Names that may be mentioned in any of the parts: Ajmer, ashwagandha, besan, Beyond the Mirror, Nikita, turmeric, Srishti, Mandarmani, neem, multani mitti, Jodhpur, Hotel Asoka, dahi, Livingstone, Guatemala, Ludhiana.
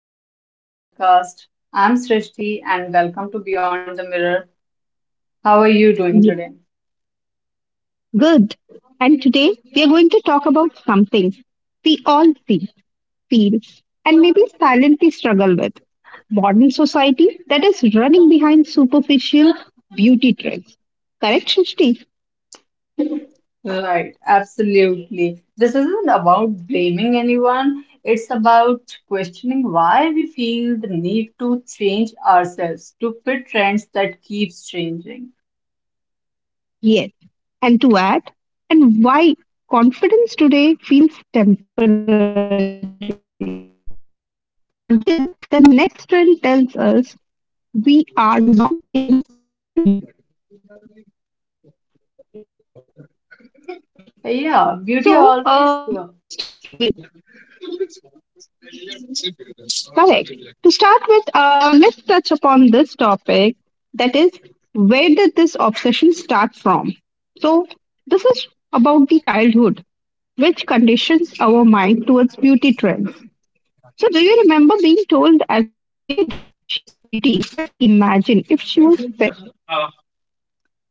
welcome to my podcast. I'm Srishti and welcome to Beyond the Mirror. How are you doing Ye- today? Good. And today we are going to talk about something we all see, feel, and maybe silently struggle with: modern society that is running behind superficial beauty trends. Correct, Shishti? Right, absolutely. This isn't about blaming anyone, it's about questioning why we feel the need to change ourselves to fit trends that keeps changing. Yes. And to add, and why confidence today feels temporary until the next trend tells us we are not enough again. So, uh, to start Yeah, with, beauty always uh, correct. To start with, let's touch upon this topic, that is, where did this obsession start from? So, this is about the childhood, which conditions our mind towards beauty trends. So, do you remember being told as a kid, "She's pretty, but imagine if she was fairer"?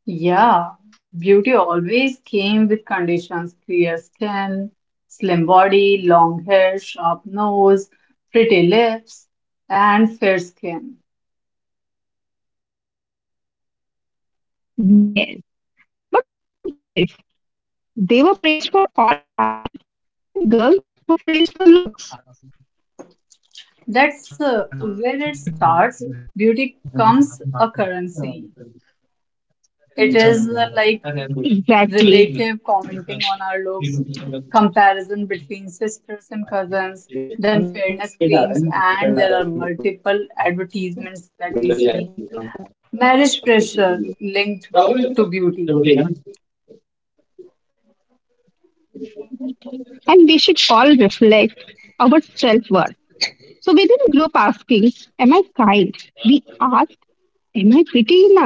Yeah, beauty always came with conditions, clear skin, slim body, long hair, sharp nose, pretty lips, and fair skin. Yes. But what about boys? They were praised for all talent, and girls were praised for looks. That's where it starts. Beauty comes a currency. It is like Exactly. relative commenting on our looks, comparison between sisters and cousins, then fairness creams, and there are multiple advertisements that we see. Marriage pressure linked to beauty. Yes. And we should all reflect our self worth. So we didn't grow up asking, "Am I kind?" We asked, "Am I pretty enough?"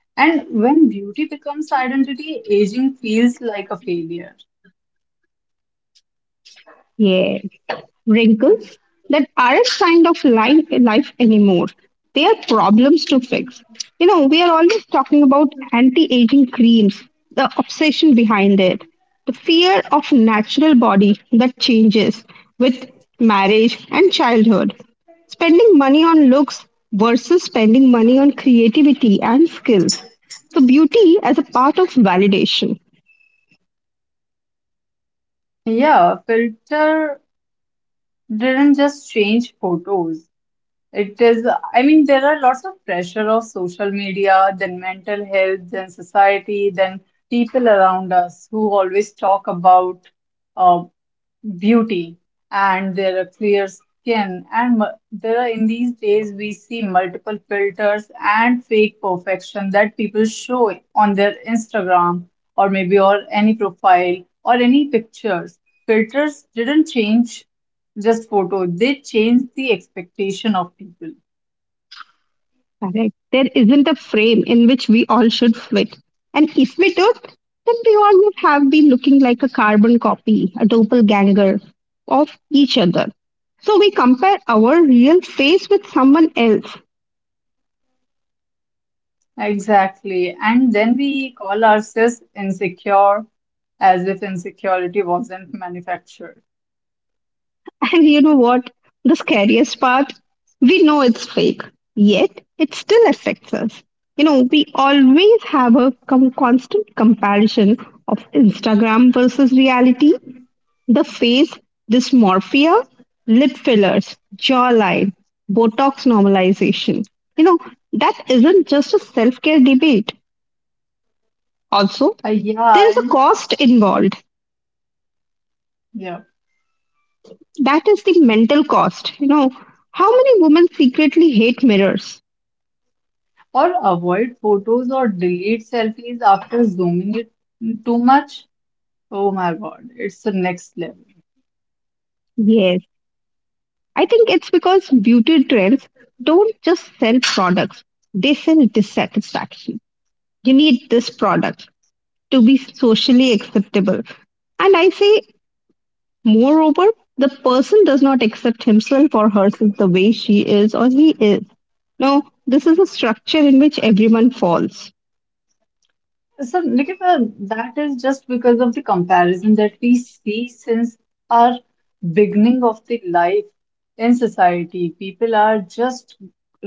And when beauty becomes identity, aging feels like a failure. Yes. Wrinkles that aren't kind of life anymore. They are problems to fix. You know, we are always talking about anti-aging creams, the obsession behind it, the fear of natural body that changes with marriage and childhood. Spending money on looks versus spending money on creativity and skills. So beauty as a part of validation. Yeah, filter didn't just change photos. It is, I mean, there are lots of pressure of social media, then mental health, then society, then people around us who always talk about uh, beauty and their clear skin. And there are, in these days, we see multiple filters and fake perfection that people show on their Instagram or maybe or any profile or any pictures. Filters didn't change just photo. They change the expectation of people. Correct. There isn't a frame in which we all should fit. And if we did, then we all would have been looking like a carbon copy, a doppelganger of each other. So we compare our real face with someone else. Exactly. And then we call ourselves insecure as if insecurity wasn't manufactured. And you know what? The scariest part? We know it's fake, yet it still affects us. You know, we always have a constant comparison of Instagram versus reality. The face dysmorphia, lip fillers, jawline, Botox normalization. You know, that isn't just a self care debate. Also, Uh, there yeah, is a and cost involved. yeah. That is the mental cost. You know, how many women secretly hate mirrors? Or avoid photos or delete selfies after zooming it too much. Oh my God, it's the next level. Yes, I think it's because beauty trends don't just sell products, they sell dissatisfaction. You need this product to be socially acceptable. And I say, moreover, the person does not accept himself or herself the way she is or he is. Now, this is a structure in which everyone falls. So, Nikita, that is just because of the comparison that we see since our beginning of the life in society. People are just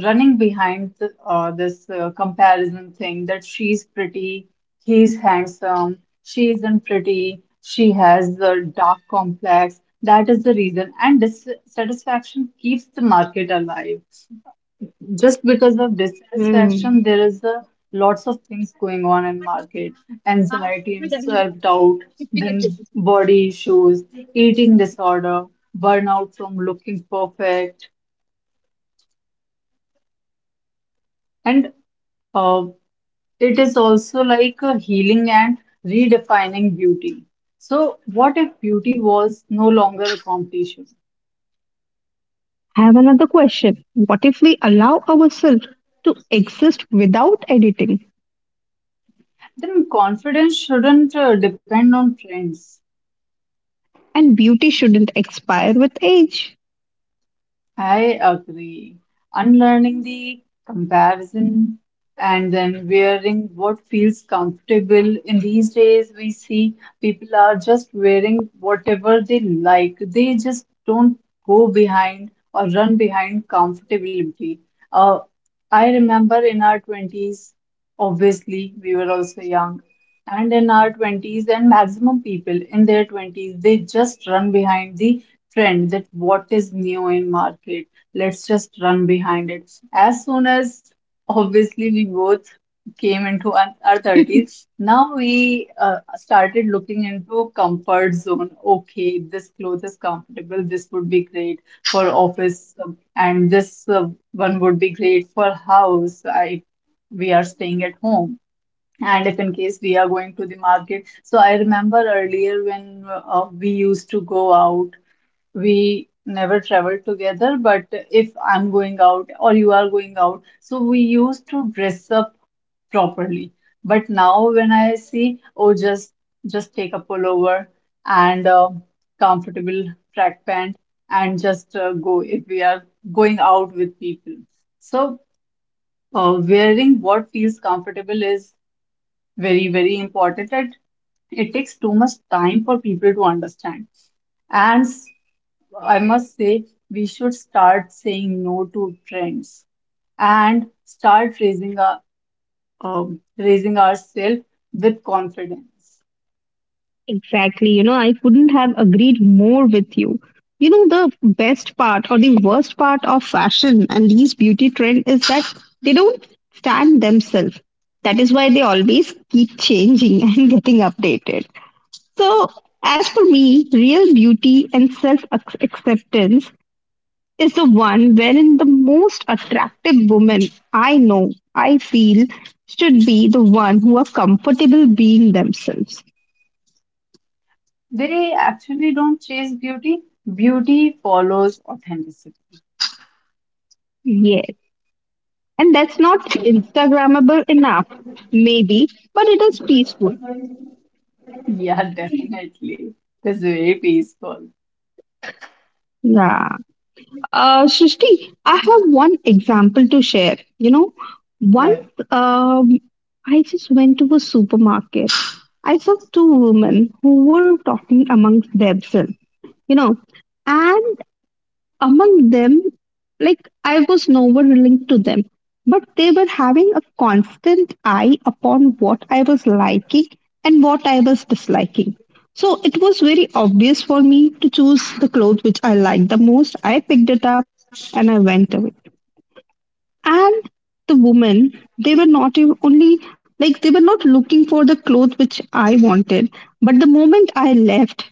running behind the, this comparison thing that she's pretty, he's handsome, she isn't pretty, she has the dark complex. That is the reason, and dissatisfaction keeps the market alive. Just because Hmm. of dissatisfaction, there is a lots of things going on in market, anxiety and I self-doubt, then body issues, eating disorder, burnout from looking perfect, and uh, it is also like a healing and redefining beauty. So what if beauty was no longer a competition? have another question. What if we allow ourselves to exist without editing? Then confidence shouldn't depend on trends. And beauty shouldn't expire with age. I agree. Unlearning the comparison and then wearing what feels comfortable. In these days, we see people are just wearing whatever they like. They just don't go behind or run behind comfortability. Uh, I remember in our 20s, obviously, we were also young. And in our 20s, and maximum people in their 20s, they just run behind the trend that what is new in market. Let's just run behind it as soon as obviously we both came into our 30s. Now we started looking into comfort zone. Okay, this clothes is comfortable, this would be great for office, and this one would be great for house. I, we are staying at home, and if in case we are going to the market. So I remember earlier when we used to go out, we never traveled together, but if I'm going out or you are going out, so we used to dress up properly. But now when I see, oh, just take a pullover and a comfortable track pant and just go if we are going out with people. So wearing what feels comfortable is very, very important. It takes too much time for people to understand. And I must say, we should start saying no to trends and start raising raising ourselves with confidence. Exactly. You know, I couldn't have agreed more with you. You know, the best part or the worst part of fashion and these beauty trend is that they don't stand themselves. That is why they always keep changing and getting updated. So, as for me, real beauty and self acceptance is the one wherein the most attractive women I know, I feel, should be the one who are comfortable being themselves. They actually don't chase beauty. Beauty follows authenticity. Yes. And that's not Instagrammable enough, maybe, but it is peaceful. Yeah, definitely. That's very peaceful. Yeah. Srishti, I have one example to share. You know, Yeah. once, um, I just went to a supermarket. I saw two women who were talking amongst themselves, you know, and among them, like, I was nowhere linked to them, but they were having a constant eye upon what I was liking and what I was disliking. So it was very obvious for me to choose the clothes which I liked the most. I picked it up and I went away. And the women, they were not even only, like, they were not looking for the clothes which I wanted, but the moment I left,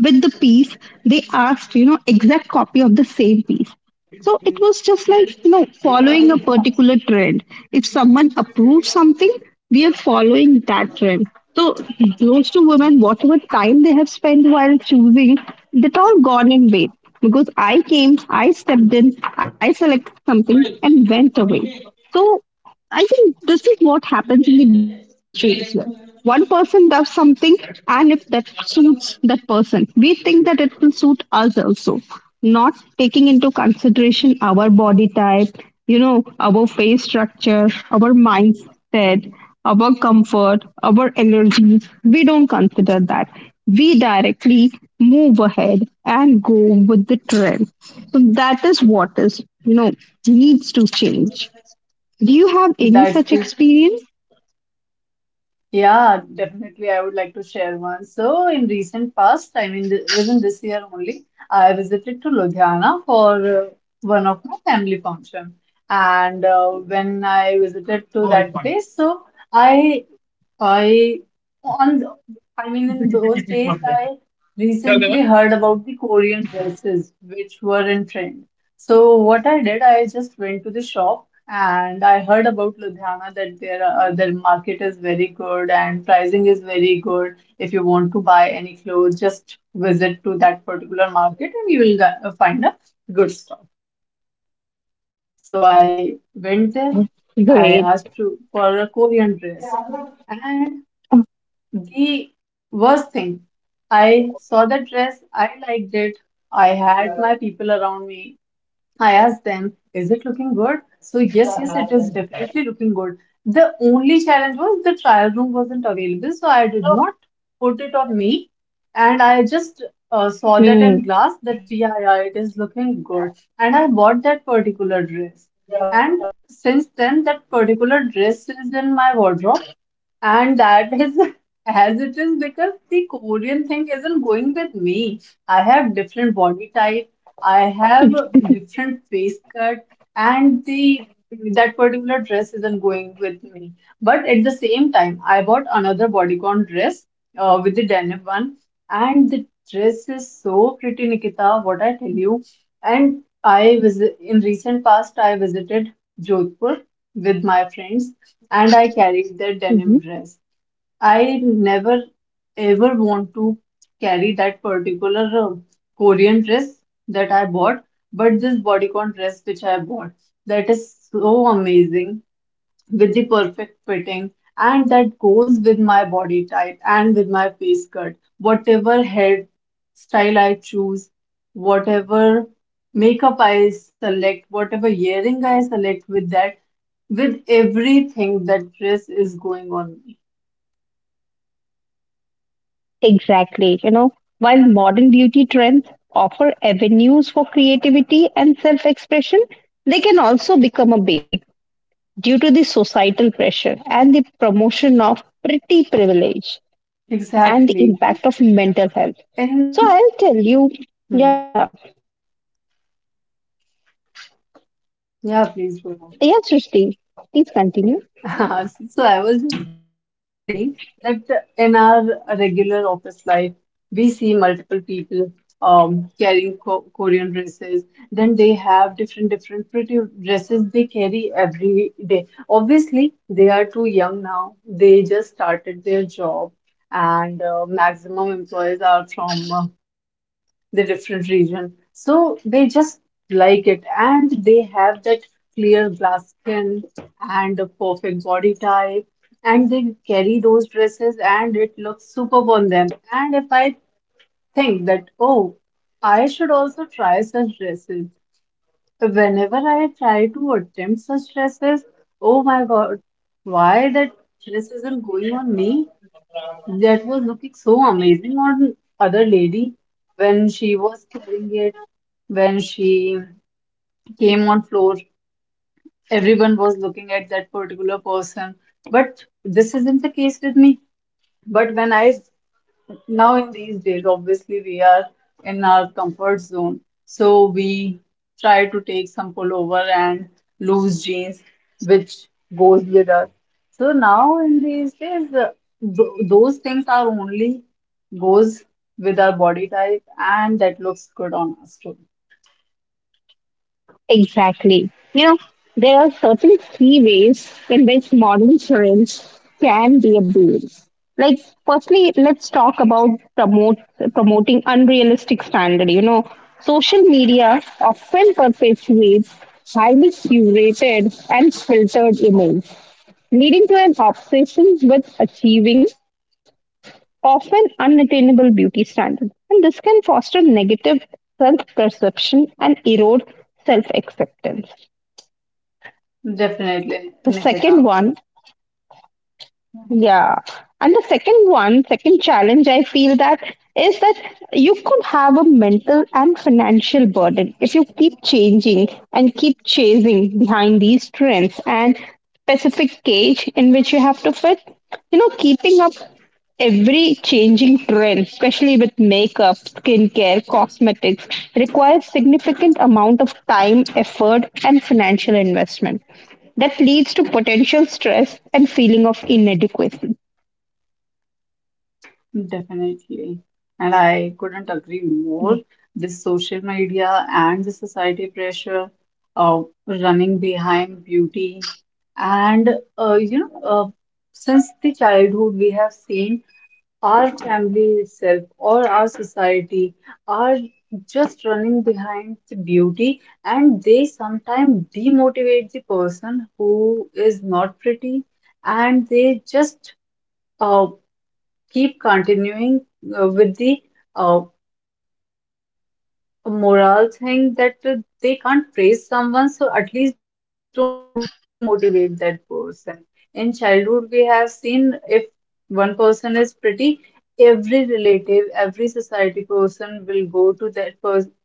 with the piece, they asked, you know, exact copy of the same piece. So it was just like, you know, following a particular trend. If someone approves something, we are following that trend. So those two women, whatever time they have spent while choosing, that all gone in vain, because I came, I stepped in, I selected something and went away. So I think this is what happens in the beauty industry as well. One person does something, and if that suits that person, we think that it will suit us also, not taking into consideration our body type, you know, our face structure, our mindset, our comfort, our energy. We don't consider that. We directly move ahead and go with the trend. So that is what is, you know, needs to change. Do you have any That's such the experience? Yeah, definitely. I would like to share one. So, in recent past, I mean, th within this year only, I visited to Ludhiana for one of my family function. And when I visited to that place, so I I on the- I mean, in those days I recently heard about the Korean dresses which were in trend. So what I did, I just went to the shop and I heard about Ludhiana that their market is very good and pricing is very good. If you want to buy any clothes, just visit to that particular market and you will find a good stuff. So I went there. I asked Great. to, for a Korean dress. And the worst thing, I saw the dress, I liked it. I had my people around me. I asked them, is it looking good? So, yes, yes, it is definitely looking good. The only challenge was the trial room wasn't available, so I did not put it on me. And I just Hmm. saw that in glass that, yeah, yeah, it is looking good. And I bought that particular dress. And since then, that particular dress is in my wardrobe and that is as it is because the Korean thing isn't going with me. I have different body type, I have a different face cut, and the that particular dress isn't going with me. But at the same time, I bought another bodycon dress with the denim one, and the dress is so pretty, Nikita. What I tell you, and I visit in recent past, I visited Jodhpur with my friends and I Mhm. carried that denim dress. I never ever want to carry that particular Korean dress that I bought, but this bodycon dress which I bought, that is so amazing with the perfect fitting and that goes with my body type and with my face cut. Whatever hair style I choose, whatever makeup I select, whatever earring I select with that, with everything that Chris is going on. Exactly. You know, while modern beauty trends offer avenues for creativity and self expression, they can also become a bane due to the societal pressure and the promotion of pretty privilege and the impact of Exactly. mental health. So I'll And, tell and you, yeah, hmm, yeah, please go yes, on. Srishti, please continue. So I was just saying that in our regular office life, we see multiple people carrying co Korean dresses. Then they have different, different pretty dresses they carry every day. Obviously, they are too young now. They just started their job, and maximum employees are from the different region. So they just like it, and they have that clear glass skin and a perfect body type and they carry those dresses and it looks superb on them. And if I think that, oh, I should also try such dresses, whenever I try to attempt such dresses, oh my god, why that dress isn't going on me? That was looking so amazing on other lady when she was carrying it. When she came on floor, everyone was looking at that particular person, but this isn't the case with me. But when I, now in these days, obviously we are in our comfort zone, so we try to take some pullover and loose jeans which goes with us. So now in these days those things are only goes with our body type and that looks good on us too. Exactly. You know, there are certain key ways in which modern syringe can be abused. Like, firstly, let's talk about promote promoting unrealistic standard. You know, social media often perpetuates highly curated and filtered images, leading to an obsession with achieving often unattainable beauty standards. And this can foster negative self perception and erode self acceptance. Definitely, The second Nikita. one, yeah, and the second one, second challenge I feel that is that, you could have a mental and financial burden if you keep changing and keep chasing behind these trends and specific cage in which you have to fit. You know, keeping up every changing trend, especially with makeup, skincare, cosmetics, requires significant amount of time, effort and financial investment, that leads to potential stress and feeling of inadequacy. Definitely. And I couldn't agree more. This social media and the society pressure of running behind beauty. And, uh, you know, uh, since the childhood, we have seen our family itself or our society are just running behind the beauty, and they sometimes demotivate the person who is not pretty, and they just uh, keep continuing with the uh, moral thing that they can't praise someone, so at least don't demotivate that person. In childhood, we have seen if one person is pretty, every relative, every society person will go to that person,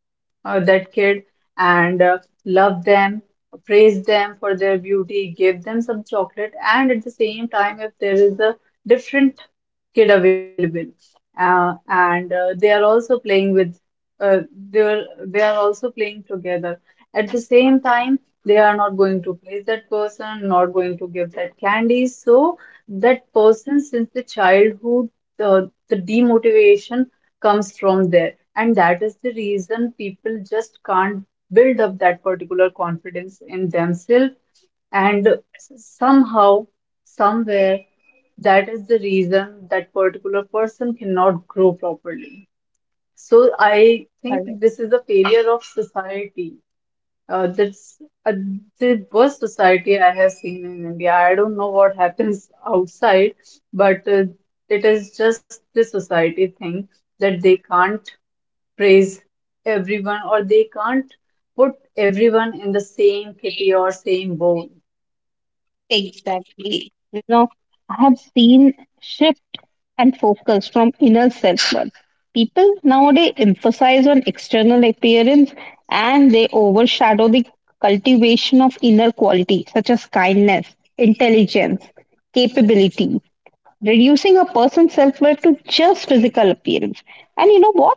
that kid, and love them, praise them for their beauty, give them some chocolate, and at the same time, if there is a different kid available and they are also playing with uh, they are also playing together at the same time. They are not going to place that person, not going to give that candy. So that person, since the childhood, the demotivation comes from there, and that is the reason people just can't build up that particular confidence in themselves. And somehow, somewhere, that is the reason that particular person cannot grow properly. So I think Correct. this is a failure of society. That's uh, the worst society I have seen in India. I don't know what happens outside, but it is just the society thing that they can't praise everyone or they can't put everyone in the same kitty or same bowl. Exactly. You know, I have seen shift and focus from inner self worth. People nowadays emphasize on external appearance and they overshadow the cultivation of inner qualities such as kindness, intelligence, capability, reducing a person's self worth to just physical appearance. And you know what?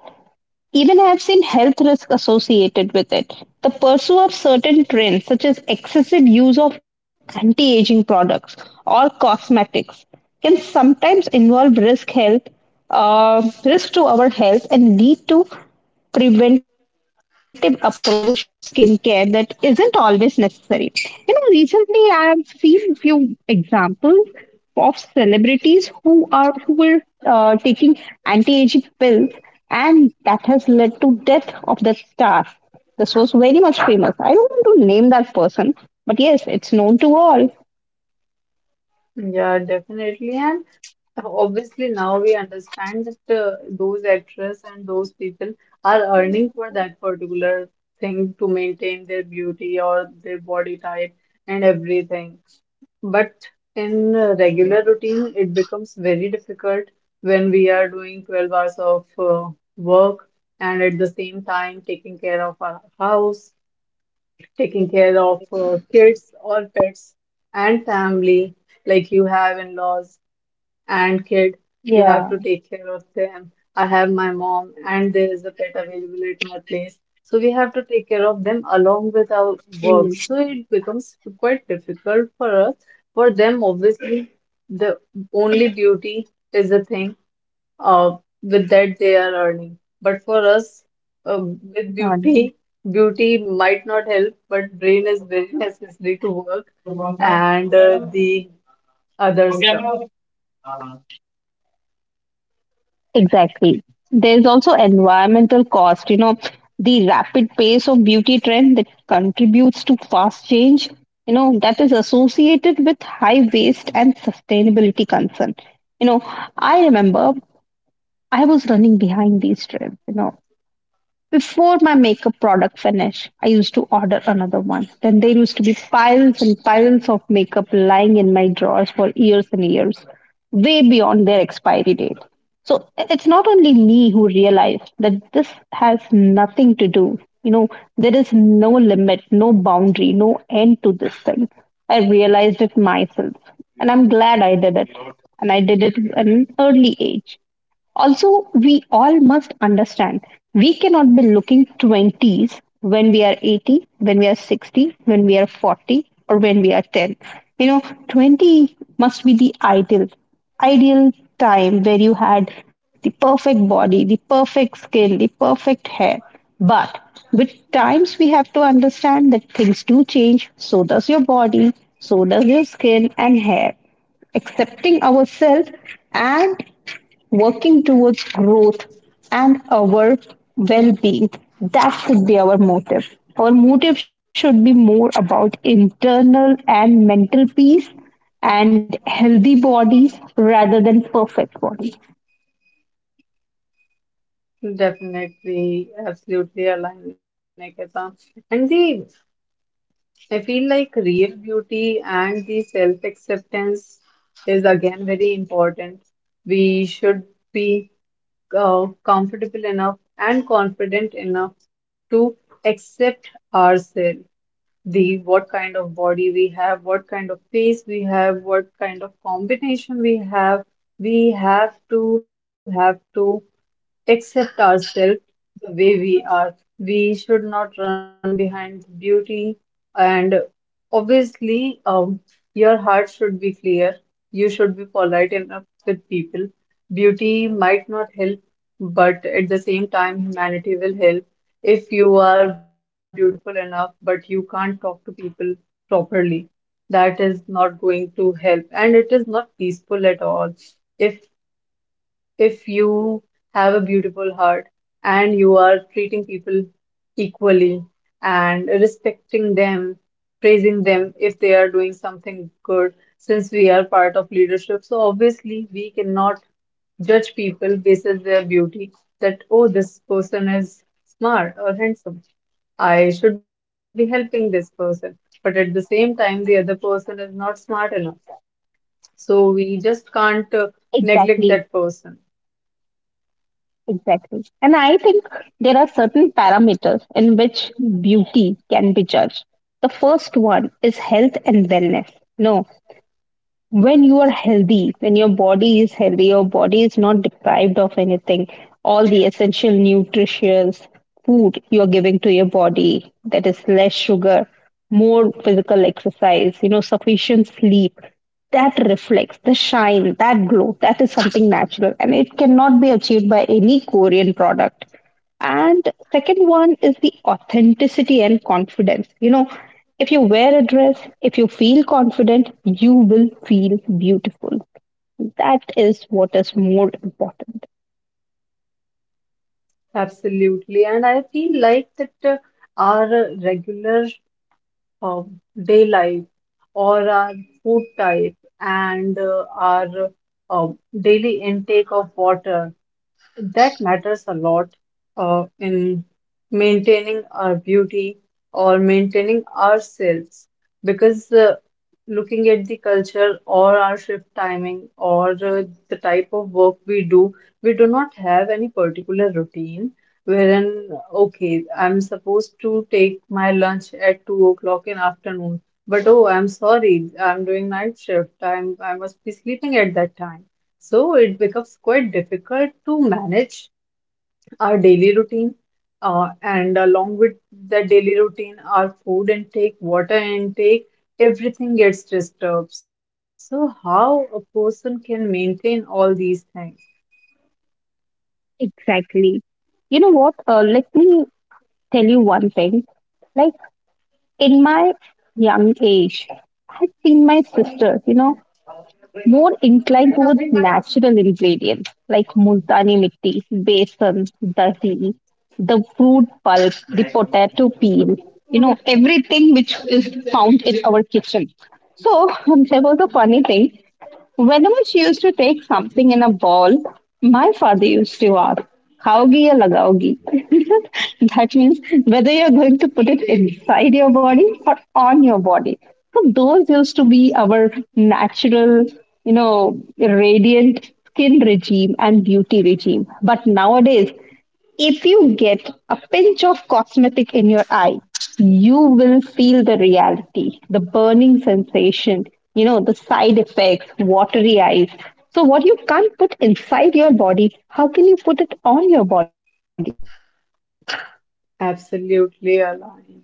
Even I have seen health risk associated with it. The pursuit of certain trends, such as excessive use of anti aging products or cosmetics, can sometimes involve risk health, risk to our health, and lead to preventive approach to skincare that isn't always necessary. You know, recently I have seen few examples of celebrities who are who were taking anti-aging pills, and that has led to death of the star. This was very much famous. I don't want to name that person, but yes, it's known to all. Yeah, definitely. And obviously, now we understand that those actors and those people are earning for that particular thing to maintain their beauty or their body type and everything. But in regular routine, it becomes very difficult when we are doing 12 hours of work and at the same time taking care of our house, taking care of kids or pets and family. Like you have in-laws and kid, you have to take care of Yeah. them. I have my mom and there is a pet available at my place, so we have to take care of them along with our work, so it becomes quite difficult for us. For them, obviously, the only beauty is the thing uh, with that they are earning. But for us, with beauty, Mm. beauty might not help, but brain is very necessary to work and the other stuff. Exactly. There's also environmental cost. You know, the rapid pace of beauty trend that contributes to fast change, you know, that is associated with high waste and sustainability concern. You know, I remember I was running behind these trends. You know, before my makeup product finish, I used to order another one. Then there used to be piles and piles of makeup lying in my drawers for years and years, way beyond their expiry date. So it's not only me who realized that this has nothing to do. You know, there is no limit, no boundary, no end to this thing. I realized it myself. And I'm glad I did it. And I did it at an early age. Also, we all must understand we cannot be looking 20s when we are 80, when we are 60, when we are 40, or when we are 10. You know, 20 must be the ideal time where you had the perfect body, the perfect skin, the perfect hair. But with times, we have to understand that things do change. So does your body, so does your skin and hair. Accepting ourselves and working towards growth and our well being, that should be our motive. Our motive should be more about internal and mental peace and healthy bodies rather than perfect bodies. Definitely, absolutely aligned, Nikita. And the I feel like real beauty and the self-acceptance is again very important. We should be, comfortable enough and confident enough to accept ourselves, the what kind of body we have, what kind of face we have, what kind of combination we have. We have to accept ourselves the way we are. We should not run behind the beauty, and obviously, your heart should be clear. You should be polite enough with people. Beauty might not help, but at the same time, humanity will help. If you are beautiful enough, but you can't talk to people properly, that is not going to help, and it is not peaceful at all. If if you have a beautiful heart and you are treating people equally and respecting them, praising them if they are doing something good, since we are part of leadership, so obviously we cannot judge people based on their beauty, that, oh, this person is smart or handsome, I should be helping this person. But at the same time, the other person is not smart enough. So we just can't neglect Exactly, that person. exactly. And I think there are certain parameters in which beauty can be judged. The first one is health and wellness. No, when you are healthy, when your body is healthy, your body is not deprived of anything. All the essential nutritious food you are giving to your body, that is less sugar, more physical exercise, you know, sufficient sleep, that reflects the shine, that glow, that is something natural and it cannot be achieved by any Korean product. And second one is the authenticity and confidence. You know, if you wear a dress, if you feel confident, you will feel beautiful. That is what is more important. Absolutely. And I feel like that our regular uh, day life or our food type and our uh, daily intake of water, that matters a lot in maintaining our beauty or maintaining ourselves. Because looking at the culture or our shift timing or the type of work we do not have any particular routine wherein, okay, I'm supposed to take my lunch at 2 o'clock in afternoon, but oh, I'm sorry, I'm doing night shift. I must be sleeping at that time. So it becomes quite difficult to manage our daily routine. And along with the daily routine, our food intake, water intake, everything gets disturbed. So, how a person can maintain all these things? Exactly. You know what? Let me tell you one thing. Like, in my young age, I've seen my sister, you know, more inclined towards natural ingredients like multani mitti, besan, dahi, the fruit pulp, the potato peel, you know, everything which is found in our kitchen. So there was a funny thing. Whenever she used to take something in a ball, my father used to ask, "Khaogi ya lagaogi?" That means whether you're going to put it inside your body or on your body. So those used to be our natural, you know, radiant skin regime and beauty regime. But nowadays, if you get a pinch of cosmetic in your eye, you will feel the reality, the burning sensation, you know, the side effects, watery eyes. So, what you can't put inside your body, how can you put it on your body? Absolutely aligned.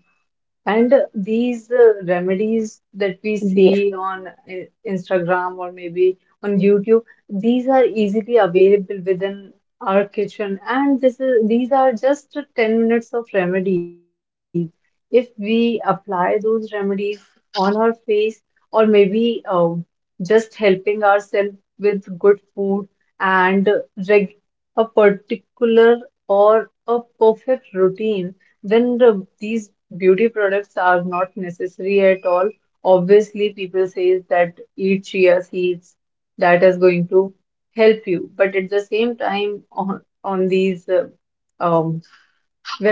And these remedies Yeah, that we see on Instagram or maybe on YouTube, these are easily available within our kitchen. And this is these are just 10 minutes of remedies. If we apply those remedies on our face, or maybe just helping ourselves with good food and reg a particular or a perfect routine, then these beauty products are not necessary at all. Obviously, people says that eat chia seeds, that is going to help you. But at the same time, on these um,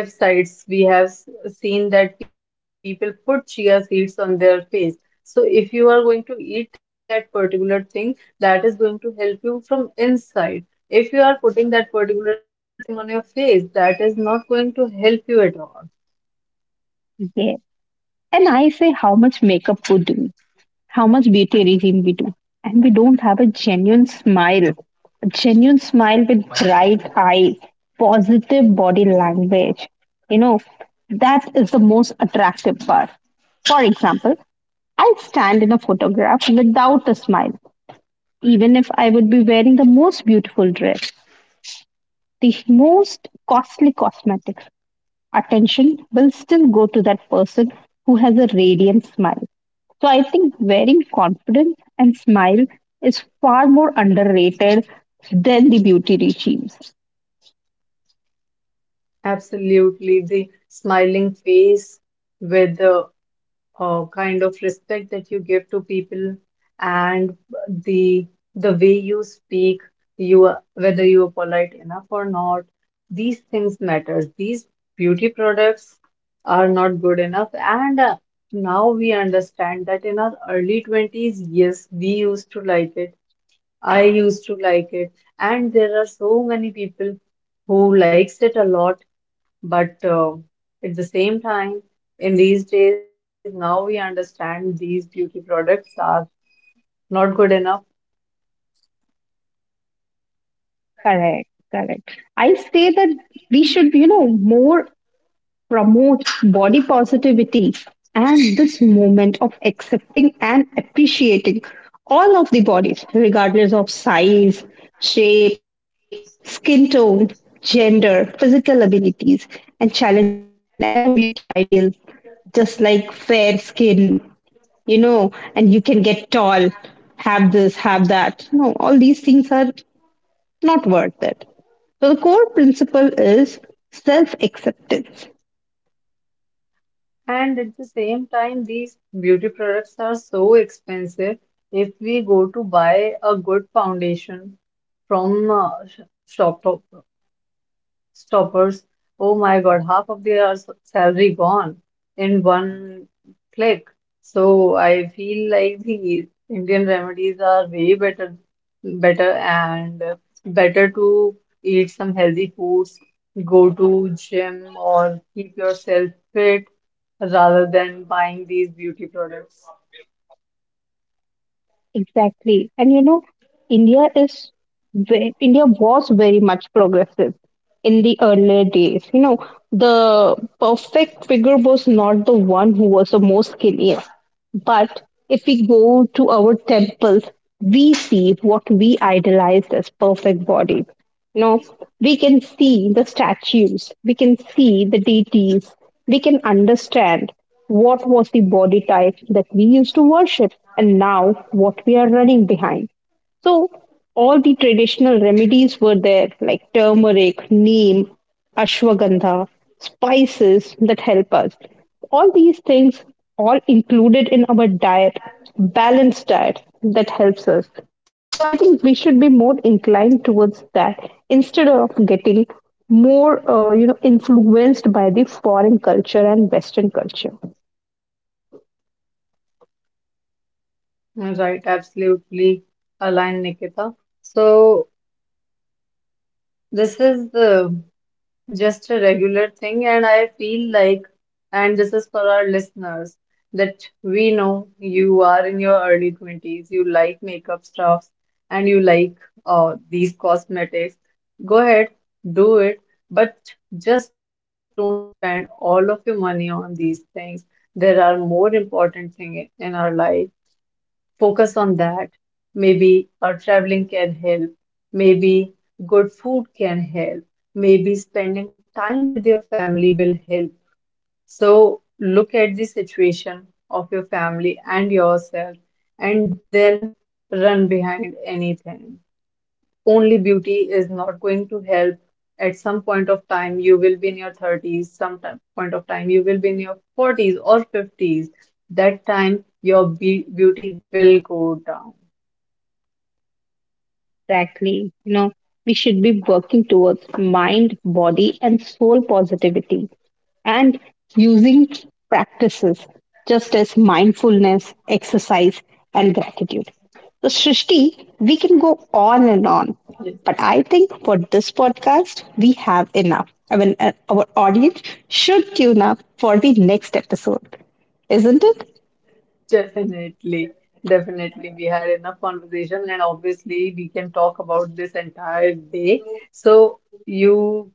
websites, we have seen that people put chia seeds on their face. So if you are going to eat that particular thing, that is going to help you from inside. If you are putting that particular thing on your face, that is not going to help you at all. yeah. And I say, how much makeup would do, how much beauty regime we do. And we don't have a genuine smile with bright eyes, positive body language. You know, that is the most attractive part. For example, I stand in a photograph without a smile, even if I would be wearing the most beautiful dress, the most costly cosmetics. Attention will still go to that person who has a radiant smile. So I think wearing confidence and smile is far more underrated than the beauty regimes. Absolutely. The smiling face with the kind of respect that you give to people and the the way you speak, whether you are polite enough or not, these things matters. These beauty products are not good enough. And now we understand that in our early 20s, yes, we used to like it. I used to like it. And there are so many people who likes it a lot, but at the same time, in these days, now we understand these beauty products are not good enough. Correct. I say that we should, you know, more promote body positivity and this moment of accepting and appreciating all of the bodies, regardless of size, shape, skin tone, gender, physical abilities, and challenging narrow beauty ideals, just like fair skin, you know, and you can get tall, have this, have that. No, all these things are not worth it. So the core principle is self acceptance. And at the same time, these beauty products are so expensive. If we go to buy a good foundation from shop, top, stoppers. Oh my God, half of their salary gone in one click. So I feel like the Indian remedies are way better, better and better to eat some healthy foods, go to gym or keep yourself fit rather than buying these beauty products. Exactly. And you know, India is India was very much progressive in the earlier days. You know, the perfect figure was not the one who was the most skinniest. But if we go to our temples, we see what we idolize as perfect body. You know, we can see the statues, we can see the deities, we can understand what was the body type that we used to worship and now what we are running behind. So all the traditional remedies were there, like turmeric, neem, ashwagandha, spices that help us. All these things all included in our diet, balanced diet that helps us. So I think we should be more inclined towards that instead of getting more, you know, influenced by the foreign culture and Western culture. Mm, right, absolutely aligned, Nikita. So this is the just a regular thing, and I feel like, and this is for our listeners, that we know you are in your early 20s, you like makeup stuffs, and you like these cosmetics. Go ahead, do it, but just don't spend all of your money on these things. There are more important things in our life, focus on that. Maybe our traveling can help. Maybe good food can help. Maybe spending time with your family will help. So look at the situation of your family and yourself and then run behind anything. Only beauty is not going to help. At some point of time, you will be in your 30s, point of time, you will be in your 40s or 50s. That time, your be beauty will go down. Exactly. You know, we should be working towards mind, body, and soul positivity and using practices just as mindfulness, exercise, and gratitude. So, Srishti, we can go on and on, Yes, but I think for this podcast, we have enough. I mean, our audience should tune up for the next episode, isn't it? definitely. Definitely. We had enough conversation, and obviously, we can talk about this entire day. So, you,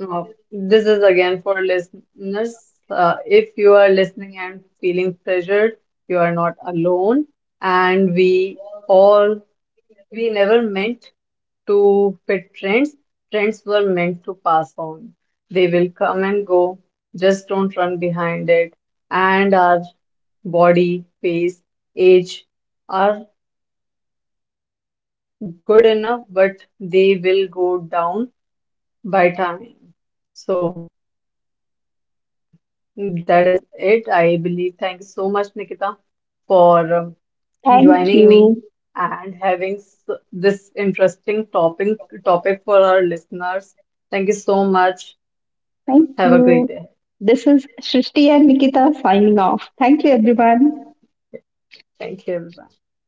uh, this is again for listeners. If you are listening and feeling pressured, you are not alone, and we all we never meant to pet trends. Trends were meant to pass on. They will come and go. Just don't run behind it. And our body, face, age are good enough, but they will go down by time. So that is it, I believe. Thank you so much, Nikita, for joining Thank me you. and having this interesting topic for our listeners. Thank you so much. Thank Have a great you. day. This is Shrishti and Nikita signing off. Thank you, everyone. Thank you, everyone.